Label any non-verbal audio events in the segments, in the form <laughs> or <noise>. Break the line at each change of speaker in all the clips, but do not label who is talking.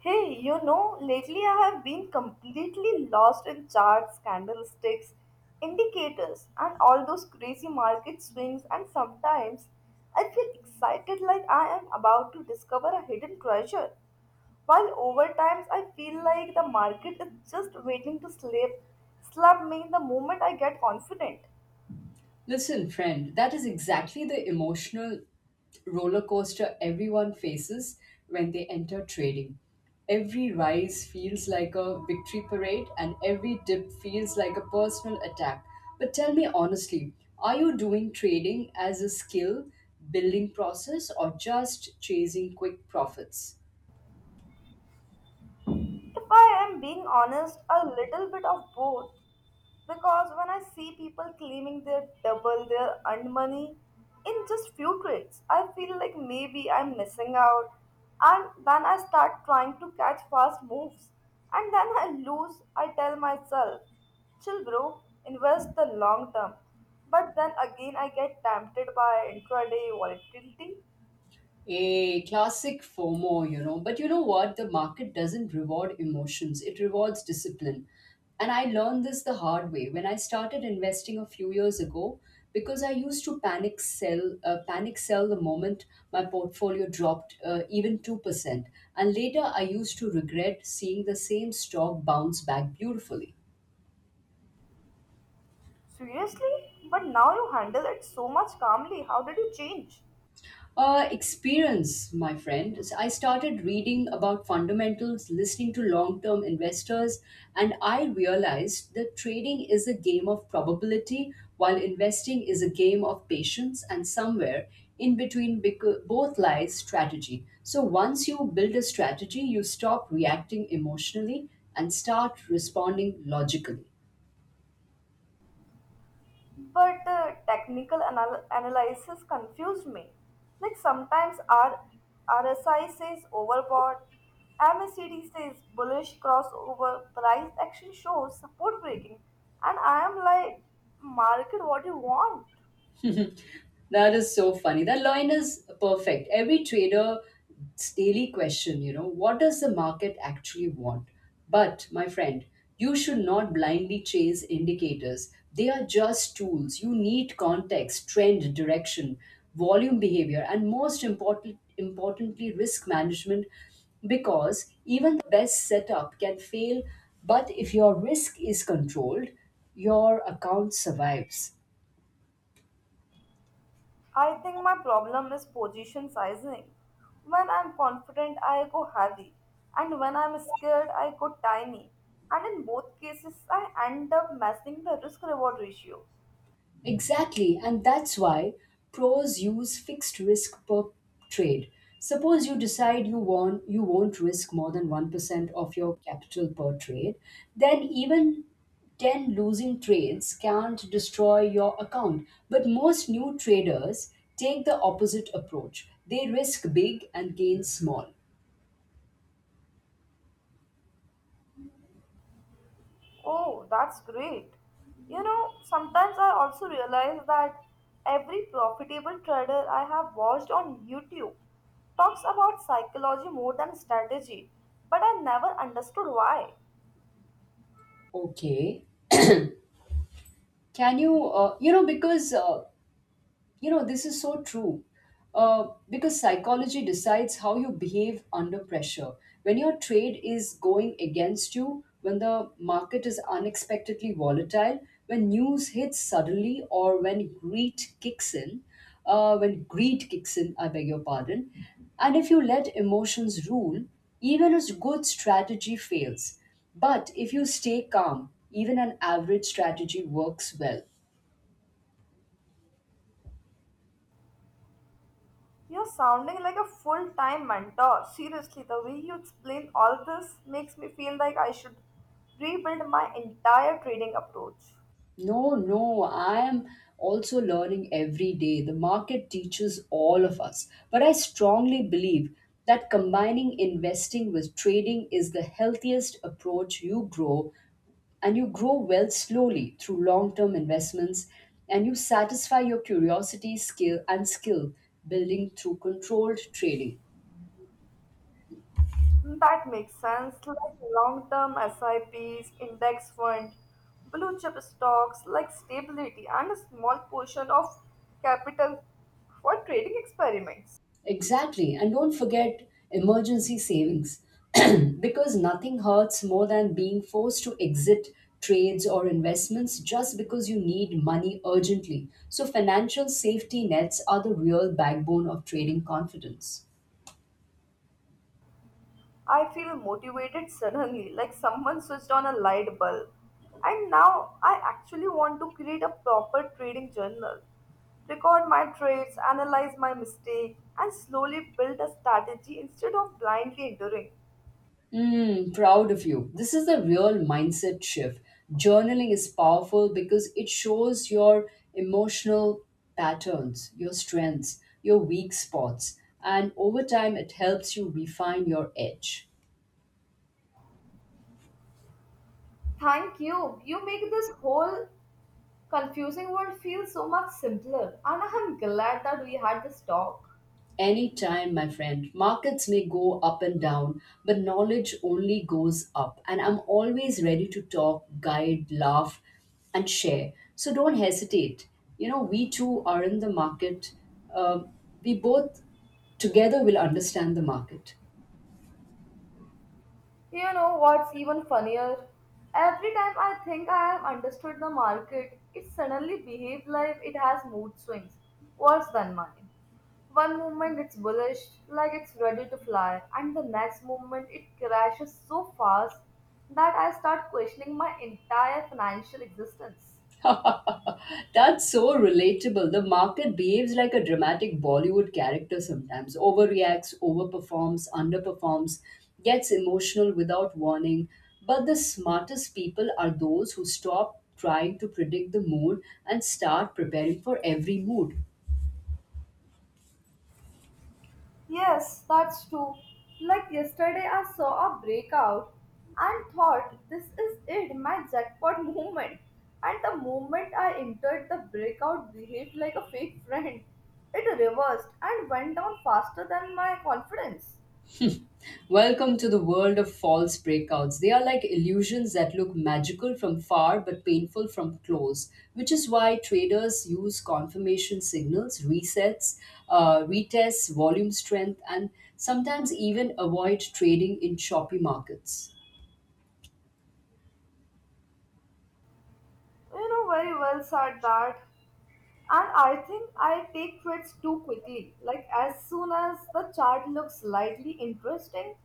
Hey, you know, lately I have been completely lost in charts, candlesticks, indicators, and all those crazy market swings, and sometimes I feel excited like I am about to discover a hidden treasure. While over times I feel like the market is just waiting to slap me the moment I get confident.
Listen, friend, that is exactly the emotional roller coaster everyone faces when they enter trading. Every rise feels like a victory parade, and every dip feels like a personal attack. But tell me honestly, are you doing trading as a skill building process or just chasing quick profits?
If I am being honest, a little bit of both. Because when I see people claiming they double their earned money in just few trades, I feel like maybe I'm missing out. And then I start trying to catch fast moves. And then I lose. I tell myself, chill, bro, invest the long term. But then again, I get tempted by intraday volatility.
A classic FOMO, you know. But you know what? The market doesn't reward emotions, it rewards discipline. And I learned this the hard way when I started investing a few years ago because I used to panic sell the moment my portfolio dropped even 2%. And later I used to regret seeing the same stock bounce back beautifully.
Seriously? But now you handle it so much calmly. How did you change?
Experience, my friend. So I started reading about fundamentals, listening to long term investors, and I realized that trading is a game of probability while investing is a game of patience, and somewhere in between both lies strategy. So once you build a strategy, you stop reacting emotionally and start responding logically.
But the technical analysis confused me. Like sometimes RSI says overbought, MACD says bullish crossover, price action shows support breaking, and I am like, market what you want.
That is so funny. That line is perfect. Every trader's daily question, you know, what does the market actually want? But, my friend, you should not blindly chase indicators. They are just tools. You need context, trend, direction, volume behavior, and importantly, risk management because even the best setup can fail. But if your risk is controlled, your account survives.
I think my problem is position sizing. When I'm confident, I go heavy, and when I'm scared, I go tiny. And in both cases, I end up messing the risk reward ratio.
Exactly, and that's why pros use fixed risk per trade. Suppose you decide you won't risk more than 1% of your capital per trade, then even 10 losing trades can't destroy your account. But most new traders take the opposite approach. They risk big and gain small.
Oh, that's great. You know, sometimes I also realize that every profitable trader I have watched on YouTube talks about psychology more than strategy, but I never understood why.
Okay. Can you, you know, because You know, this is so true. Because psychology decides how you behave under pressure. When your trade is going against you, when the market is unexpectedly volatile, when news hits suddenly, or when greed kicks in, I beg your pardon, and if you let emotions rule, even a good strategy fails. But if you stay calm, even an average strategy works well.
You're sounding like a full time mentor. Seriously, the way you explain all this makes me feel like I should rebuild my entire trading approach.
No, no, I am also learning every day. The market teaches all of us. But I strongly believe that combining investing with trading is the healthiest approach. You grow and you grow wealth slowly through long term investments and you satisfy your curiosity, skill building through controlled trading.
That makes sense. Like long-term SIPs, index fund, blue chip stocks, like stability, and a small portion of capital for trading experiments.
Exactly. And don't forget emergency savings <clears throat> because nothing hurts more than being forced to exit trades or investments just because you need money urgently. So, financial safety nets are the real backbone of trading confidence.
I feel motivated suddenly, like someone switched on a light bulb. And now I actually want to create a proper trading journal, record my trades, analyze my mistake, and slowly build a strategy instead of blindly enduring.
Mm, proud of you. This is the real mindset shift. Journaling is powerful because it shows your emotional patterns, your strengths, your weak spots, and over time it helps you refine your edge.
Thank you. You make this whole confusing world feels so much simpler, and I'm glad that we had this talk.
Anytime, my friend. Markets may go up and down, but knowledge only goes up. And I'm always ready to talk, guide, laugh, and share. So don't hesitate. You know, we two are in the market. Um we both together will understand the market.
You know what's even funnier? Every time I think I have understood the market, it suddenly behaves like it has mood swings worse than mine. One moment it's bullish, like it's ready to fly, and the next moment it crashes so fast that I start questioning my entire financial existence.
<laughs> That's so relatable. The market behaves like a dramatic Bollywood character sometimes, overreacts, overperforms, underperforms, gets emotional without warning. But the smartest people are those who stop trying to predict the mood and start preparing for every mood.
Yes, that's true. Like yesterday, I saw a breakout and thought, this is it, my jackpot <laughs> moment. And the moment I entered, the breakout behaved like a fake friend. It reversed and went down faster than my confidence.
Welcome to the world of false breakouts. They are like illusions that look magical from far but painful from close, which is why traders use confirmation signals, retests, volume strength, and sometimes even avoid trading in choppy markets.
You know, very well said that. And I think I take threats too quickly. Like, as soon as the chart looks slightly interesting,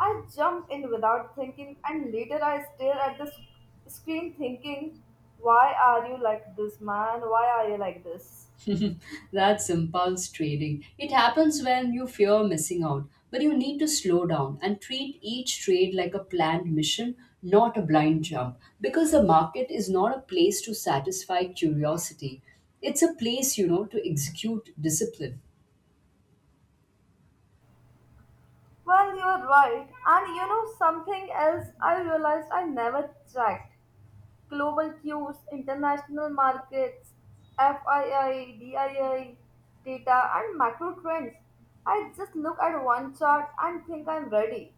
I jump in without thinking, and later I stare at the screen thinking, why are you like this, man? Why are you like this?
<laughs> That's impulse trading. It happens when you fear missing out, but you need to slow down and treat each trade like a planned mission, not a blind jump, because the market is not a place to satisfy curiosity. It's a place, you know, to execute discipline.
Well, you're right. And you know something else I realized I never checked. Global cues, international markets, FII, DII, data, and macro trends. I just look at one chart and think I'm ready.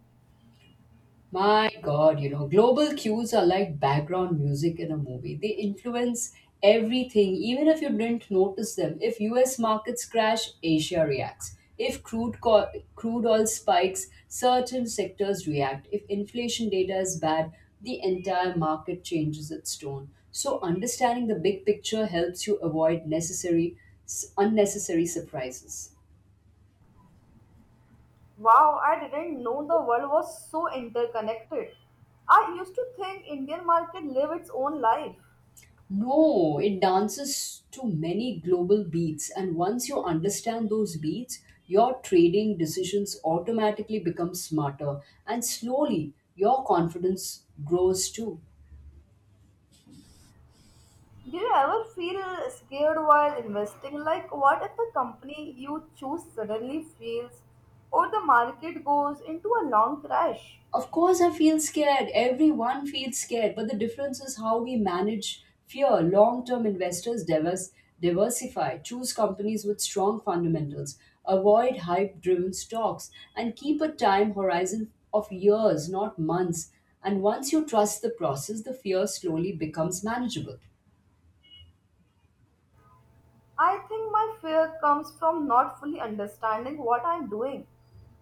My God, you know, global cues are like background music in a movie. They influence everything, even if you didn't notice them. If US markets crash, Asia reacts. If crude oil spikes, certain sectors react. If inflation data is bad, the entire market changes its tone. So, understanding the big picture helps you avoid unnecessary surprises.
Wow, I didn't know the world was so interconnected. I used to think Indian market live its own life.
No, it dances to many global beats, and once you understand those beats, your trading decisions automatically become smarter, and slowly your confidence grows too.
Do you ever feel scared while investing? Like, what if the company you choose suddenly fails or the market goes into a long crash?
Of course, I feel scared. Everyone feels scared. But the difference is how we manage fear. Long term investors diversify, choose companies with strong fundamentals, avoid hype driven stocks, and keep a time horizon of years, not months. And once you trust the process, the fear slowly becomes manageable.
I think my fear comes from not fully understanding what I'm doing.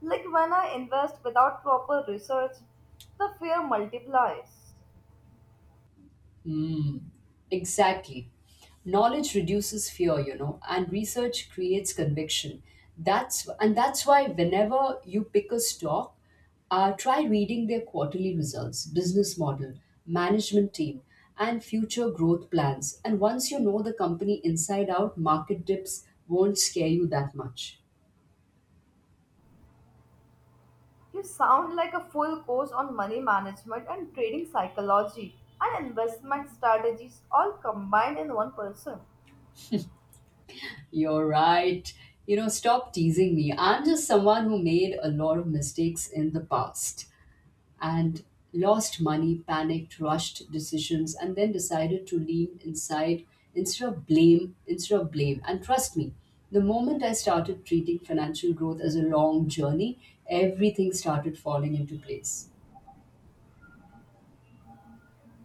Like when I invest without proper research, the fear multiplies.
Exactly. Knowledge reduces fear, you know, and research creates conviction. That's why whenever you pick a stock, try reading their quarterly results, business model, management team, and future growth plans. And once you know the company inside out, market dips won't scare you that much.
You sound like a full course on money management and trading psychology and investment strategies all combined in one person.
You're right. You know, stop teasing me. I'm just someone who made a lot of mistakes in the past. And lost money, panicked, rushed decisions, and then decided to lean inside instead of blame. And trust me, the moment I started treating financial growth as a long journey, everything started falling into place.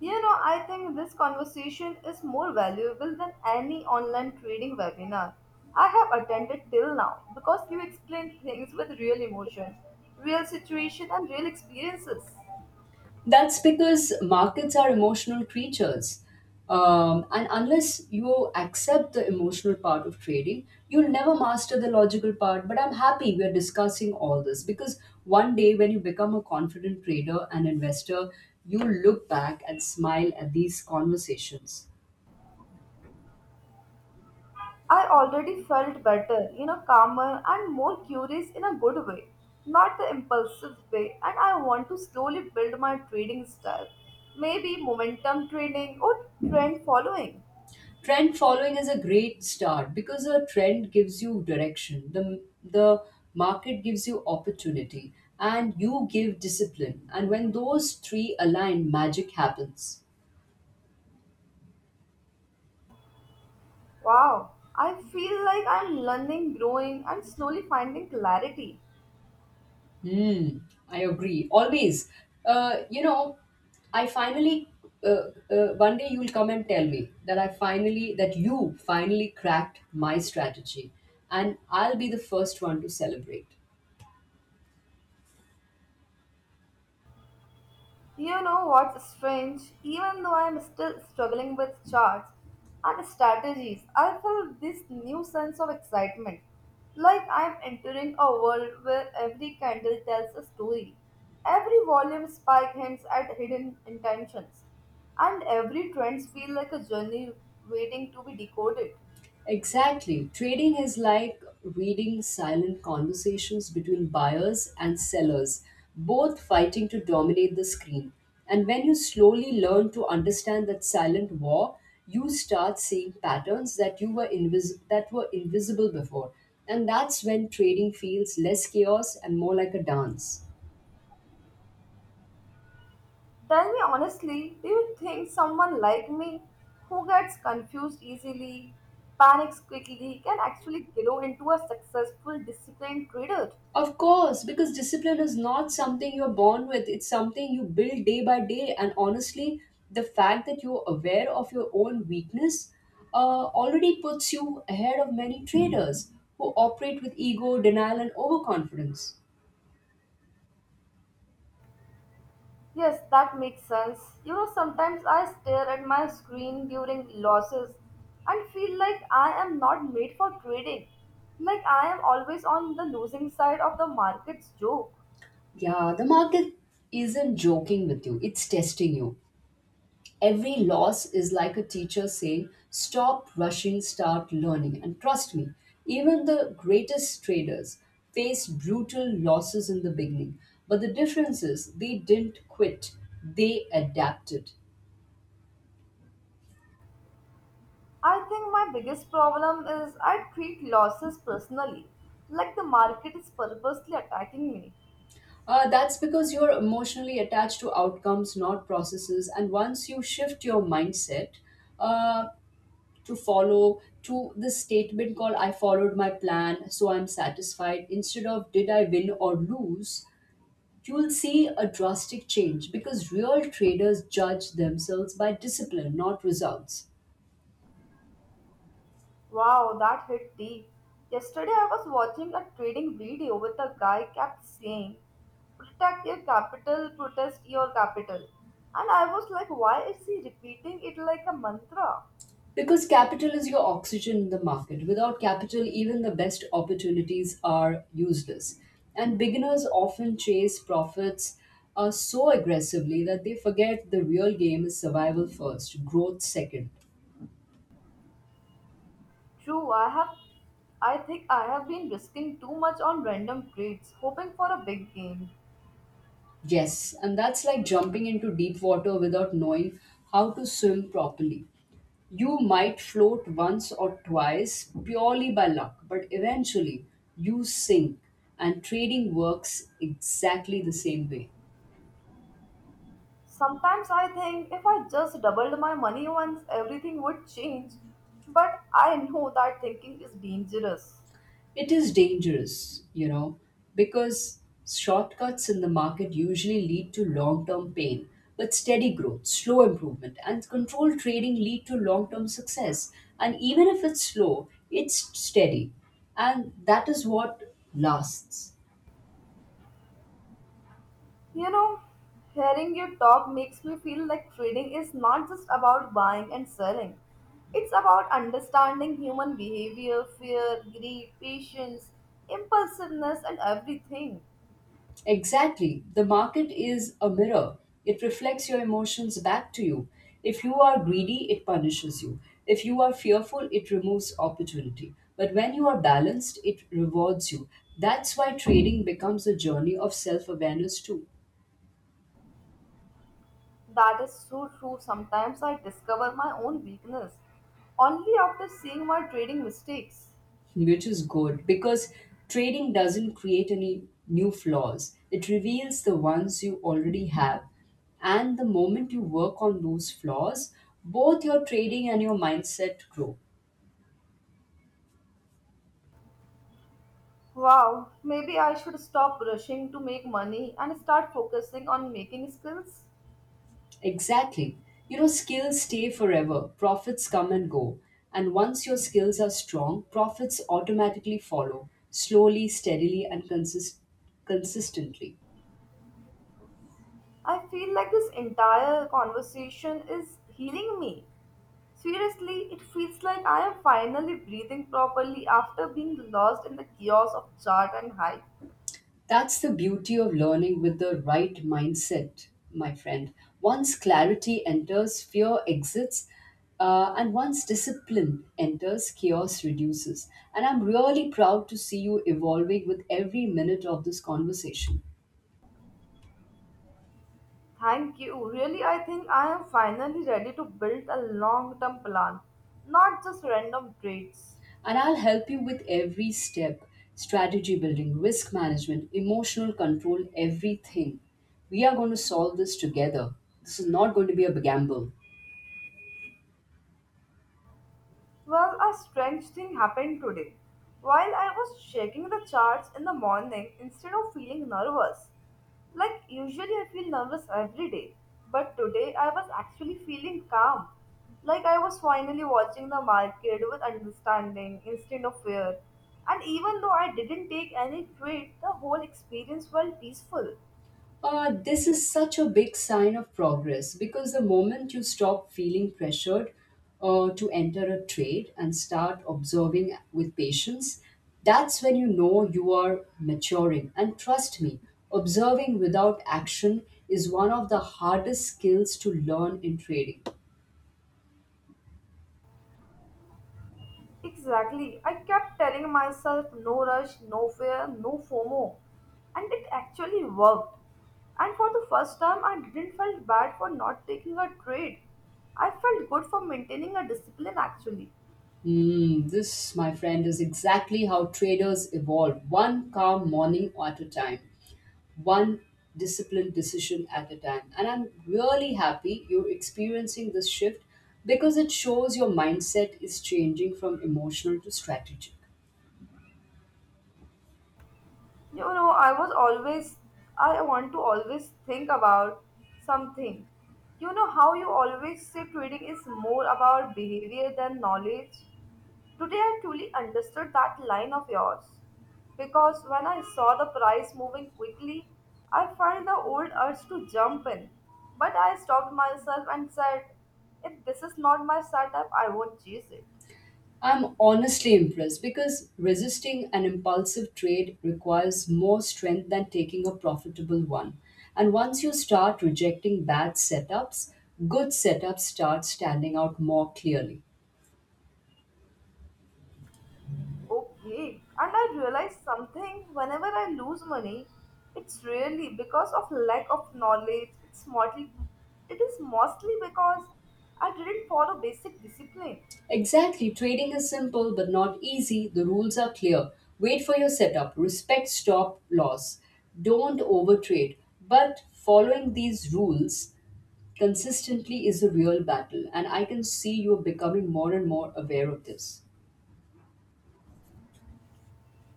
You know, I think this conversation is more valuable than any online trading webinar I have attended till now, because you explain things with real emotion, real situation, and real experiences.
That's because markets are emotional creatures. And unless you accept the emotional part of trading, you'll never master the logical part. But I'm happy we're discussing all this because one day when you become a confident trader and investor, you'll look back and smile at these conversations.
I already felt better, you know, calmer and more curious in a good way, not the impulsive way. And I want to slowly build my trading style, maybe momentum trading or trend following.
Trend following is a great start because a trend gives you direction, the market gives you opportunity and you give discipline, and when those three align, magic happens.
Wow, I feel like I'm learning, growing, and slowly finding clarity.
Hmm, I agree. Always. You know I finally uh, One day you'll come and tell me that I finally that you finally cracked my strategy, and I'll be the first one to celebrate.
You know what's strange? Even though I'm still struggling with charts and strategies, I feel this new sense of excitement. Like I'm entering a world where every candle tells a story, every volume spike hints at hidden intentions, and every trend feels like a journey waiting to be decoded.
Exactly. Trading is like reading silent conversations between buyers and sellers, both fighting to dominate the screen. And when you slowly learn to understand that silent war, you start seeing patterns that that were invisible before. And that's when trading feels less chaos and more like a dance.
Tell me honestly, do you think someone like me, who gets confused easily, panics quickly, can actually grow into a successful, disciplined trader?
Of course, because discipline is not something you're born with, it's something you build day by day. And honestly, the fact that you're aware of your own weakness already puts you ahead of many traders who operate with ego, denial, and overconfidence.
Yes, that makes sense. You know, sometimes I stare at my screen during losses and feel like I am not made for trading. Like I am always on the losing side of the market's joke.
Yeah, the market isn't joking with you, it's testing you. Every loss is like a teacher saying, stop rushing, start learning. And trust me, even the greatest traders faced brutal losses in the beginning. But the difference is they didn't quit, they adapted.
I think my biggest problem is I treat losses personally, like the market is purposely attacking me.
That's because you're emotionally attached to outcomes, not processes. And once you shift your mindset uh, to this statement called, I followed my plan, so I'm satisfied, instead of did I win or lose, you will see a drastic change because real traders judge themselves by discipline, not results.
Wow, that hit deep. Yesterday I was watching a trading video with a guy kept saying, protect your capital, protest your capital. And I was like, why is he repeating it like a mantra?
Because capital is your oxygen in the market. Without capital, even the best opportunities are useless. And beginners often chase profits so aggressively that they forget the real game is survival first, growth second.
True, I think I have been risking too much on random trades, hoping for a big gain.
Yes, and that's like jumping into deep water without knowing how to swim properly. You might float once or twice purely by luck, but eventually you sink, and trading works exactly the same way.
Sometimes I think if I just doubled my money once, everything would change. But I know that thinking is dangerous.
It is dangerous, you know, because shortcuts in the market usually lead to long term pain, but steady growth, slow improvement, and controlled trading lead to long term success. And even if it's slow, it's steady, and that is what lasts.
You know, hearing you talk makes me feel like trading is not just about buying and selling. It's about understanding human behavior, fear, greed, patience, impulsiveness, and everything.
Exactly. The market is a mirror. It reflects your emotions back to you. If you are greedy, it punishes you. If you are fearful, it removes opportunity. But when you are balanced, it rewards you. That's why trading becomes a journey of self awareness, too,
That is so true. Sometimes I discover my own weakness only after seeing my trading mistakes.
which is good because trading doesn't create any new flaws. It reveals the ones you already have. And the moment you work on those flaws, both your trading and your mindset grow.
Wow, maybe I should stop rushing to make money and start focusing on making skills.
Exactly. You know, skills stay forever, profits come and go. And once your skills are strong, profits automatically follow, slowly, steadily, and consistently.
I feel like this entire conversation is healing me. Seriously, it feels like I am finally breathing properly after being lost in the chaos of chart and hype.
That's the beauty of learning with the right mindset, my friend. Once clarity enters, fear exits, and once discipline enters, chaos reduces. And I'm really proud to see you evolving with every minute of this conversation.
Thank you. Really, I think I am finally ready to build a long term plan, not just random trades.
And I'll help you with every step: strategy building, risk management, emotional control, everything. We are going to solve this together. This is not going to be a gamble.
Well, a strange thing happened today. While I was checking the charts in the morning, instead of feeling nervous, like usually I feel nervous every day, but today I was actually feeling calm. Like I was finally watching the market with understanding instead of fear. And even though I didn't take any trade, the whole experience felt peaceful.
This is such a big sign of progress because the moment you stop feeling pressured to enter a trade and start observing with patience, that's when you know you are maturing. And trust me, observing without action is one of the hardest skills to learn in trading.
Exactly. I kept telling myself no rush, no fear, no FOMO. And it actually worked. And for the first time, I didn't feel bad for not taking a trade. I felt good for maintaining a discipline actually.
Mm, this, my friend, is exactly how traders evolve one calm morning at a time, one disciplined decision at a time. And I'm really happy you're experiencing this shift because it shows your mindset is changing from emotional to strategic.
You know, I was always, I want to always think about something. You know how you always say trading is more about behavior than knowledge? Today I truly understood that line of yours, because when I saw the price moving quickly, I felt the old urge to jump in. But I stopped myself and said, if this is not my setup, I won't chase it.
I'm honestly impressed because resisting an impulsive trade requires more strength than taking a profitable one. And once you start rejecting bad setups, good setups start standing out more clearly.
Okay, and I realized something. Whenever I lose money, it's really because of lack of knowledge. It is mostly because I didn't follow basic discipline.
Exactly, trading is simple but not easy. The rules are clear. Wait for your setup, respect stop loss, don't overtrade. But following these rules consistently is a real battle, and I can see you're becoming more and more aware of this.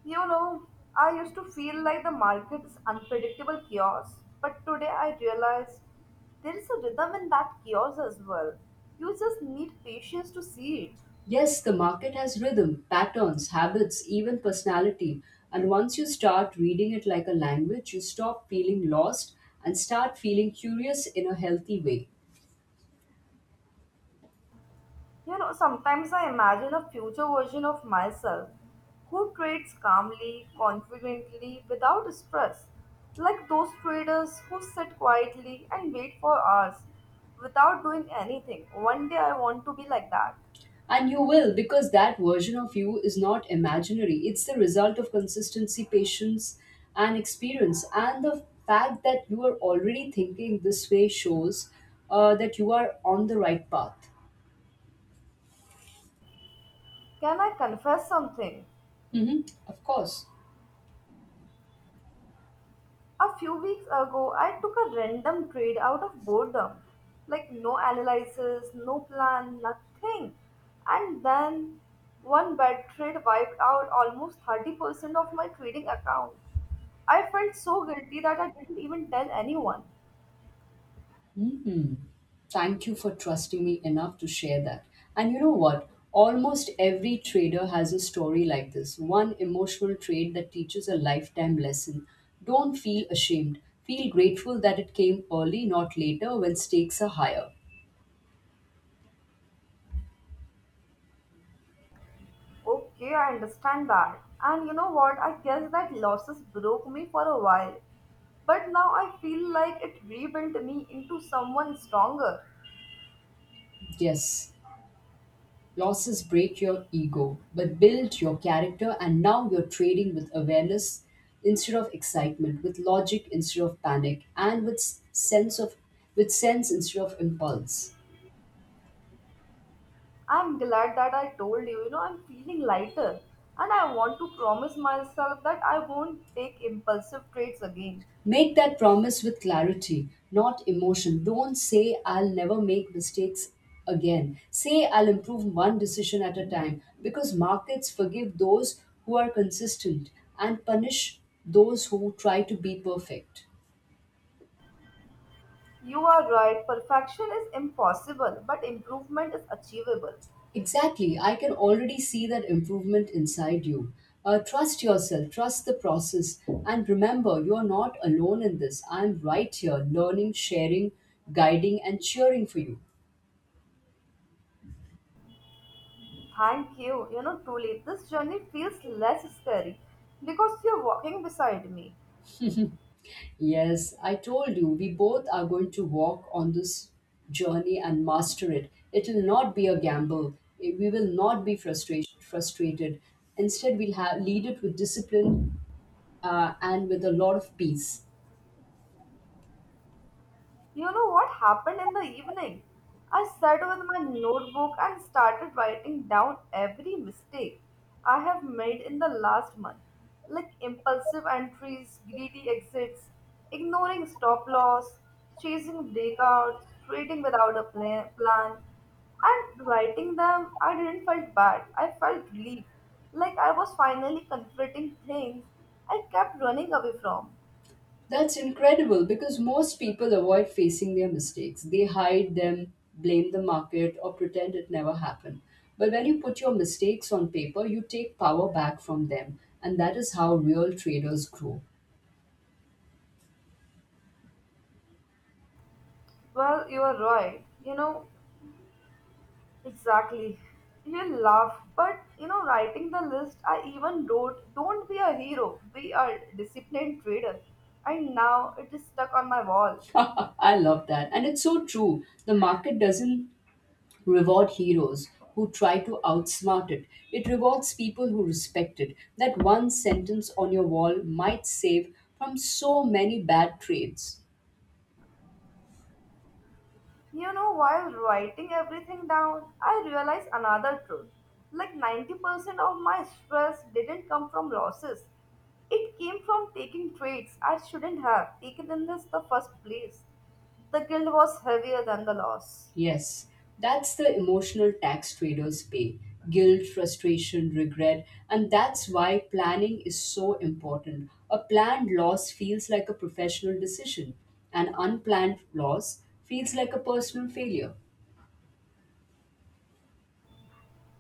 You know, I used to feel like the market is unpredictable chaos, but today I realized there is a rhythm in that chaos as well. You just need patience to see it.
Yes, the market has rhythm, patterns, habits, even personality. And once you start reading it like a language, you stop feeling lost and start feeling curious in a healthy way.
You know, sometimes I imagine a future version of myself who trades calmly, confidently, without stress, like those traders who sit quietly and wait for hours without doing anything. One day I want to be like that.
And you will, because that version of you is not imaginary. It's the result of consistency, patience, and experience. And the fact that you are already thinking this way shows that you are on the right path.
Can I confess something?
Hmm. Of course.
A few weeks ago, I took a random trade out of boredom. Like, no analysis, no plan, nothing. And then one bad trade wiped out almost 30% of my trading account. I felt so guilty that I didn't even tell anyone.
Hmm. Thank you for trusting me enough to share that. And you know what? Almost every trader has a story like this, one emotional trade that teaches a lifetime lesson. Don't feel ashamed. Feel grateful that it came early, not later, when stakes are higher.
Okay, I understand that. And you know what? I guess that losses broke me for a while. But now I feel like it rebuilt me into someone stronger.
Yes, losses break your ego, but build your character, and now you're trading with awareness instead of excitement, with logic instead of panic, and with s- sense of with sense instead of impulse.
I'm glad that I told you, you know, I'm feeling lighter, and I want to promise myself that I won't take impulsive traits again.
Make that promise with clarity, not emotion. Don't say, I'll never make mistakes again. Say, I'll improve one decision at a time, because markets forgive those who are consistent and punish those who try to be perfect.
You are right, perfection is impossible, but improvement is achievable.
Exactly, I can already see that improvement inside you. Trust yourself, trust the process, and remember you are not alone in this. I'm right here, learning, sharing, guiding, and cheering for you.
Thank you, you know, truly, this journey feels less scary because you're walking beside me.
Yes, I told you, we both are going to walk on this journey and master it. It will not be a gamble. We will not be frustrated. Instead, we'll have, lead it with discipline and with a lot of peace.
You know what happened in the evening? I sat with my notebook and started writing down every mistake I have made in the last month, like impulsive entries, greedy exits, ignoring stop loss, chasing breakouts, trading without a plan. And writing them, I didn't felt bad. I felt relief, like I was finally confronting things I kept running away from.
That's incredible because most people avoid facing their mistakes. They hide them, blame the market, or pretend it never happened. But when you put your mistakes on paper, you take power back from them. And that is how real traders grow.
Well, you are right. You know, exactly. You laugh, but you know, writing the list, I even wrote, don't be a hero, be a disciplined trader. And now it is stuck on my wall.
<laughs> I love that. And it's so true. The market doesn't reward heroes who try to outsmart it, it rewards people who respect it. That one sentence on your wall might save from so many bad trades.
You know, while writing everything down, I realized another truth. Like 90% of my stress didn't come from losses, it came from taking trades I shouldn't have taken in this the first place. The guilt was heavier than the loss.
Yes, that's the emotional tax traders pay, guilt, frustration, regret. And that's why planning is so important. A planned loss feels like a professional decision, an unplanned loss feels like a personal failure.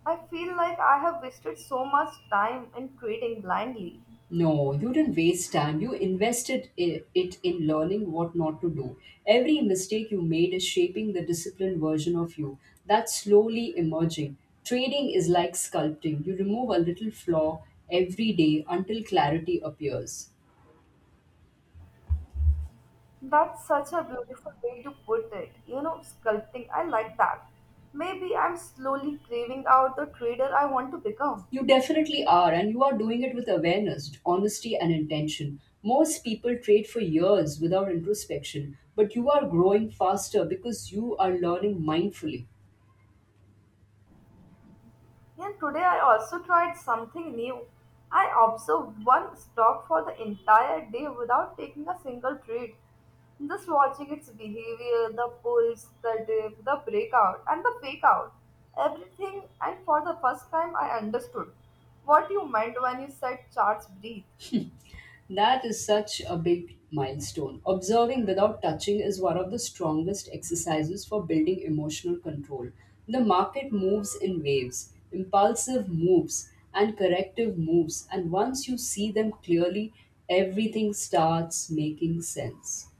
I feel like I have wasted so much time in trading blindly.
No, you didn't waste time. You invested it in learning what not to do. Every mistake you made is shaping the disciplined version of you that's slowly emerging. Trading is like sculpting. You remove a little flaw every day until clarity appears.
That's such a beautiful way to put it. You know, sculpting, I like that. Maybe I'm slowly craving out the trader I want to become.
You definitely are, and you are doing it with awareness, honesty, and intention. Most people trade for years without introspection, but you are growing faster because you are learning mindfully.
And today I also tried something new. I observed one stock for the entire day without taking a single treat. Just watching its behavior, the pulse, the dip, the breakout, and the fake out. Everything, and for the first time, I understood what you meant when you said charts breathe.
That is such a big milestone. Observing without touching is one of the strongest exercises for building emotional control. The market moves in waves, impulsive moves, and corrective moves, and once you see them clearly, everything starts making sense.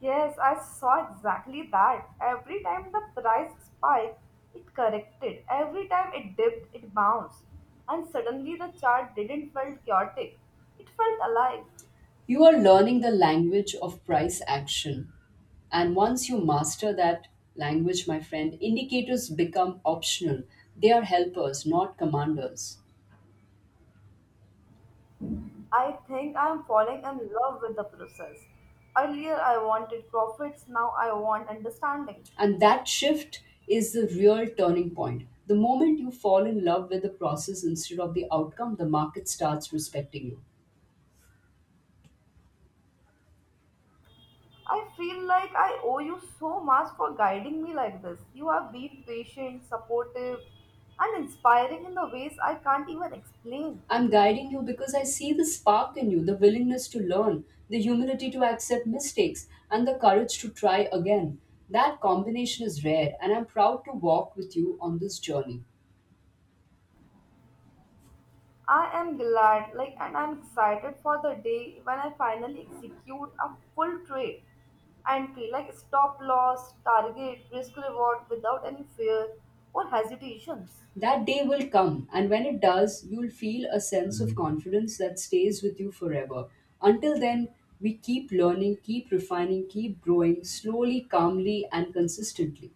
Yes, I saw exactly that. Every time the price spiked, it corrected. Every time it dipped, it bounced. And suddenly the chart didn't feel chaotic. It felt alive.
You are learning the language of price action. And once you master that language, my friend, indicators become optional. They are helpers, not commanders.
I think I am falling in love with the process. Earlier I wanted profits, now I want understanding.
And that shift is the real turning point. The moment you fall in love with the process instead of the outcome, the market starts respecting you.
I feel like I owe you so much for guiding me like this. You have been patient, supportive, and inspiring in the ways I can't even explain.
I'm guiding you because I see the spark in you, the willingness to learn, the humility to accept mistakes, and the courage to try again. That combination is rare, and I'm proud to walk with you on this journey.
I am glad, like, and I'm excited for the day when I finally execute a full trade entry, like stop loss, target, risk reward without any fear or hesitations.
That day will come, and when it does, you'll feel a sense of confidence that stays with you forever. Until then, we keep learning, keep refining, keep growing slowly, calmly, and consistently.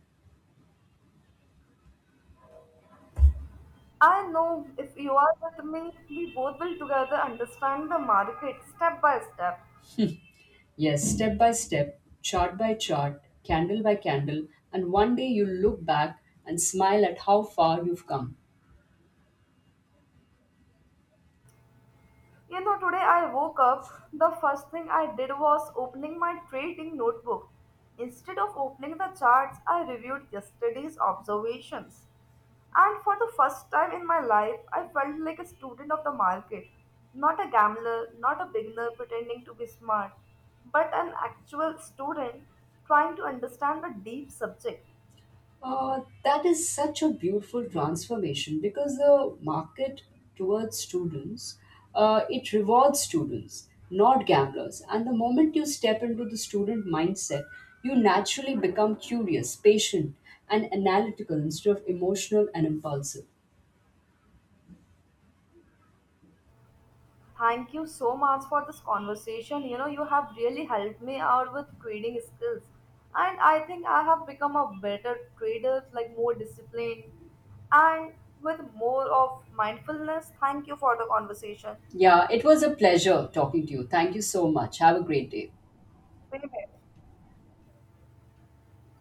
I know if you are with me, we both will together understand the market step by step.
Yes, step by step, chart by chart, candle by candle, and one day you'll look back and smile at how far you've come.
You know, today I woke up, the first thing I did was opening my trading notebook. Instead of opening the charts, I reviewed yesterday's observations. And for the first time in my life, I felt like a student of the market. Not a gambler, not a beginner pretending to be smart, but an actual student trying to understand a deep subject.
That is such a beautiful transformation because the market towards students, it rewards students, not gamblers, and the moment you step into the student mindset, you naturally become curious, patient, and analytical instead of emotional and impulsive.
Thank you so much for this conversation. You know, you have really helped me out with trading skills. And I think I have become a better trader, like more disciplined and with more of mindfulness. Thank you for the conversation.
Yeah, it was a pleasure talking to you. Thank you so much. Have a great day.
Same here.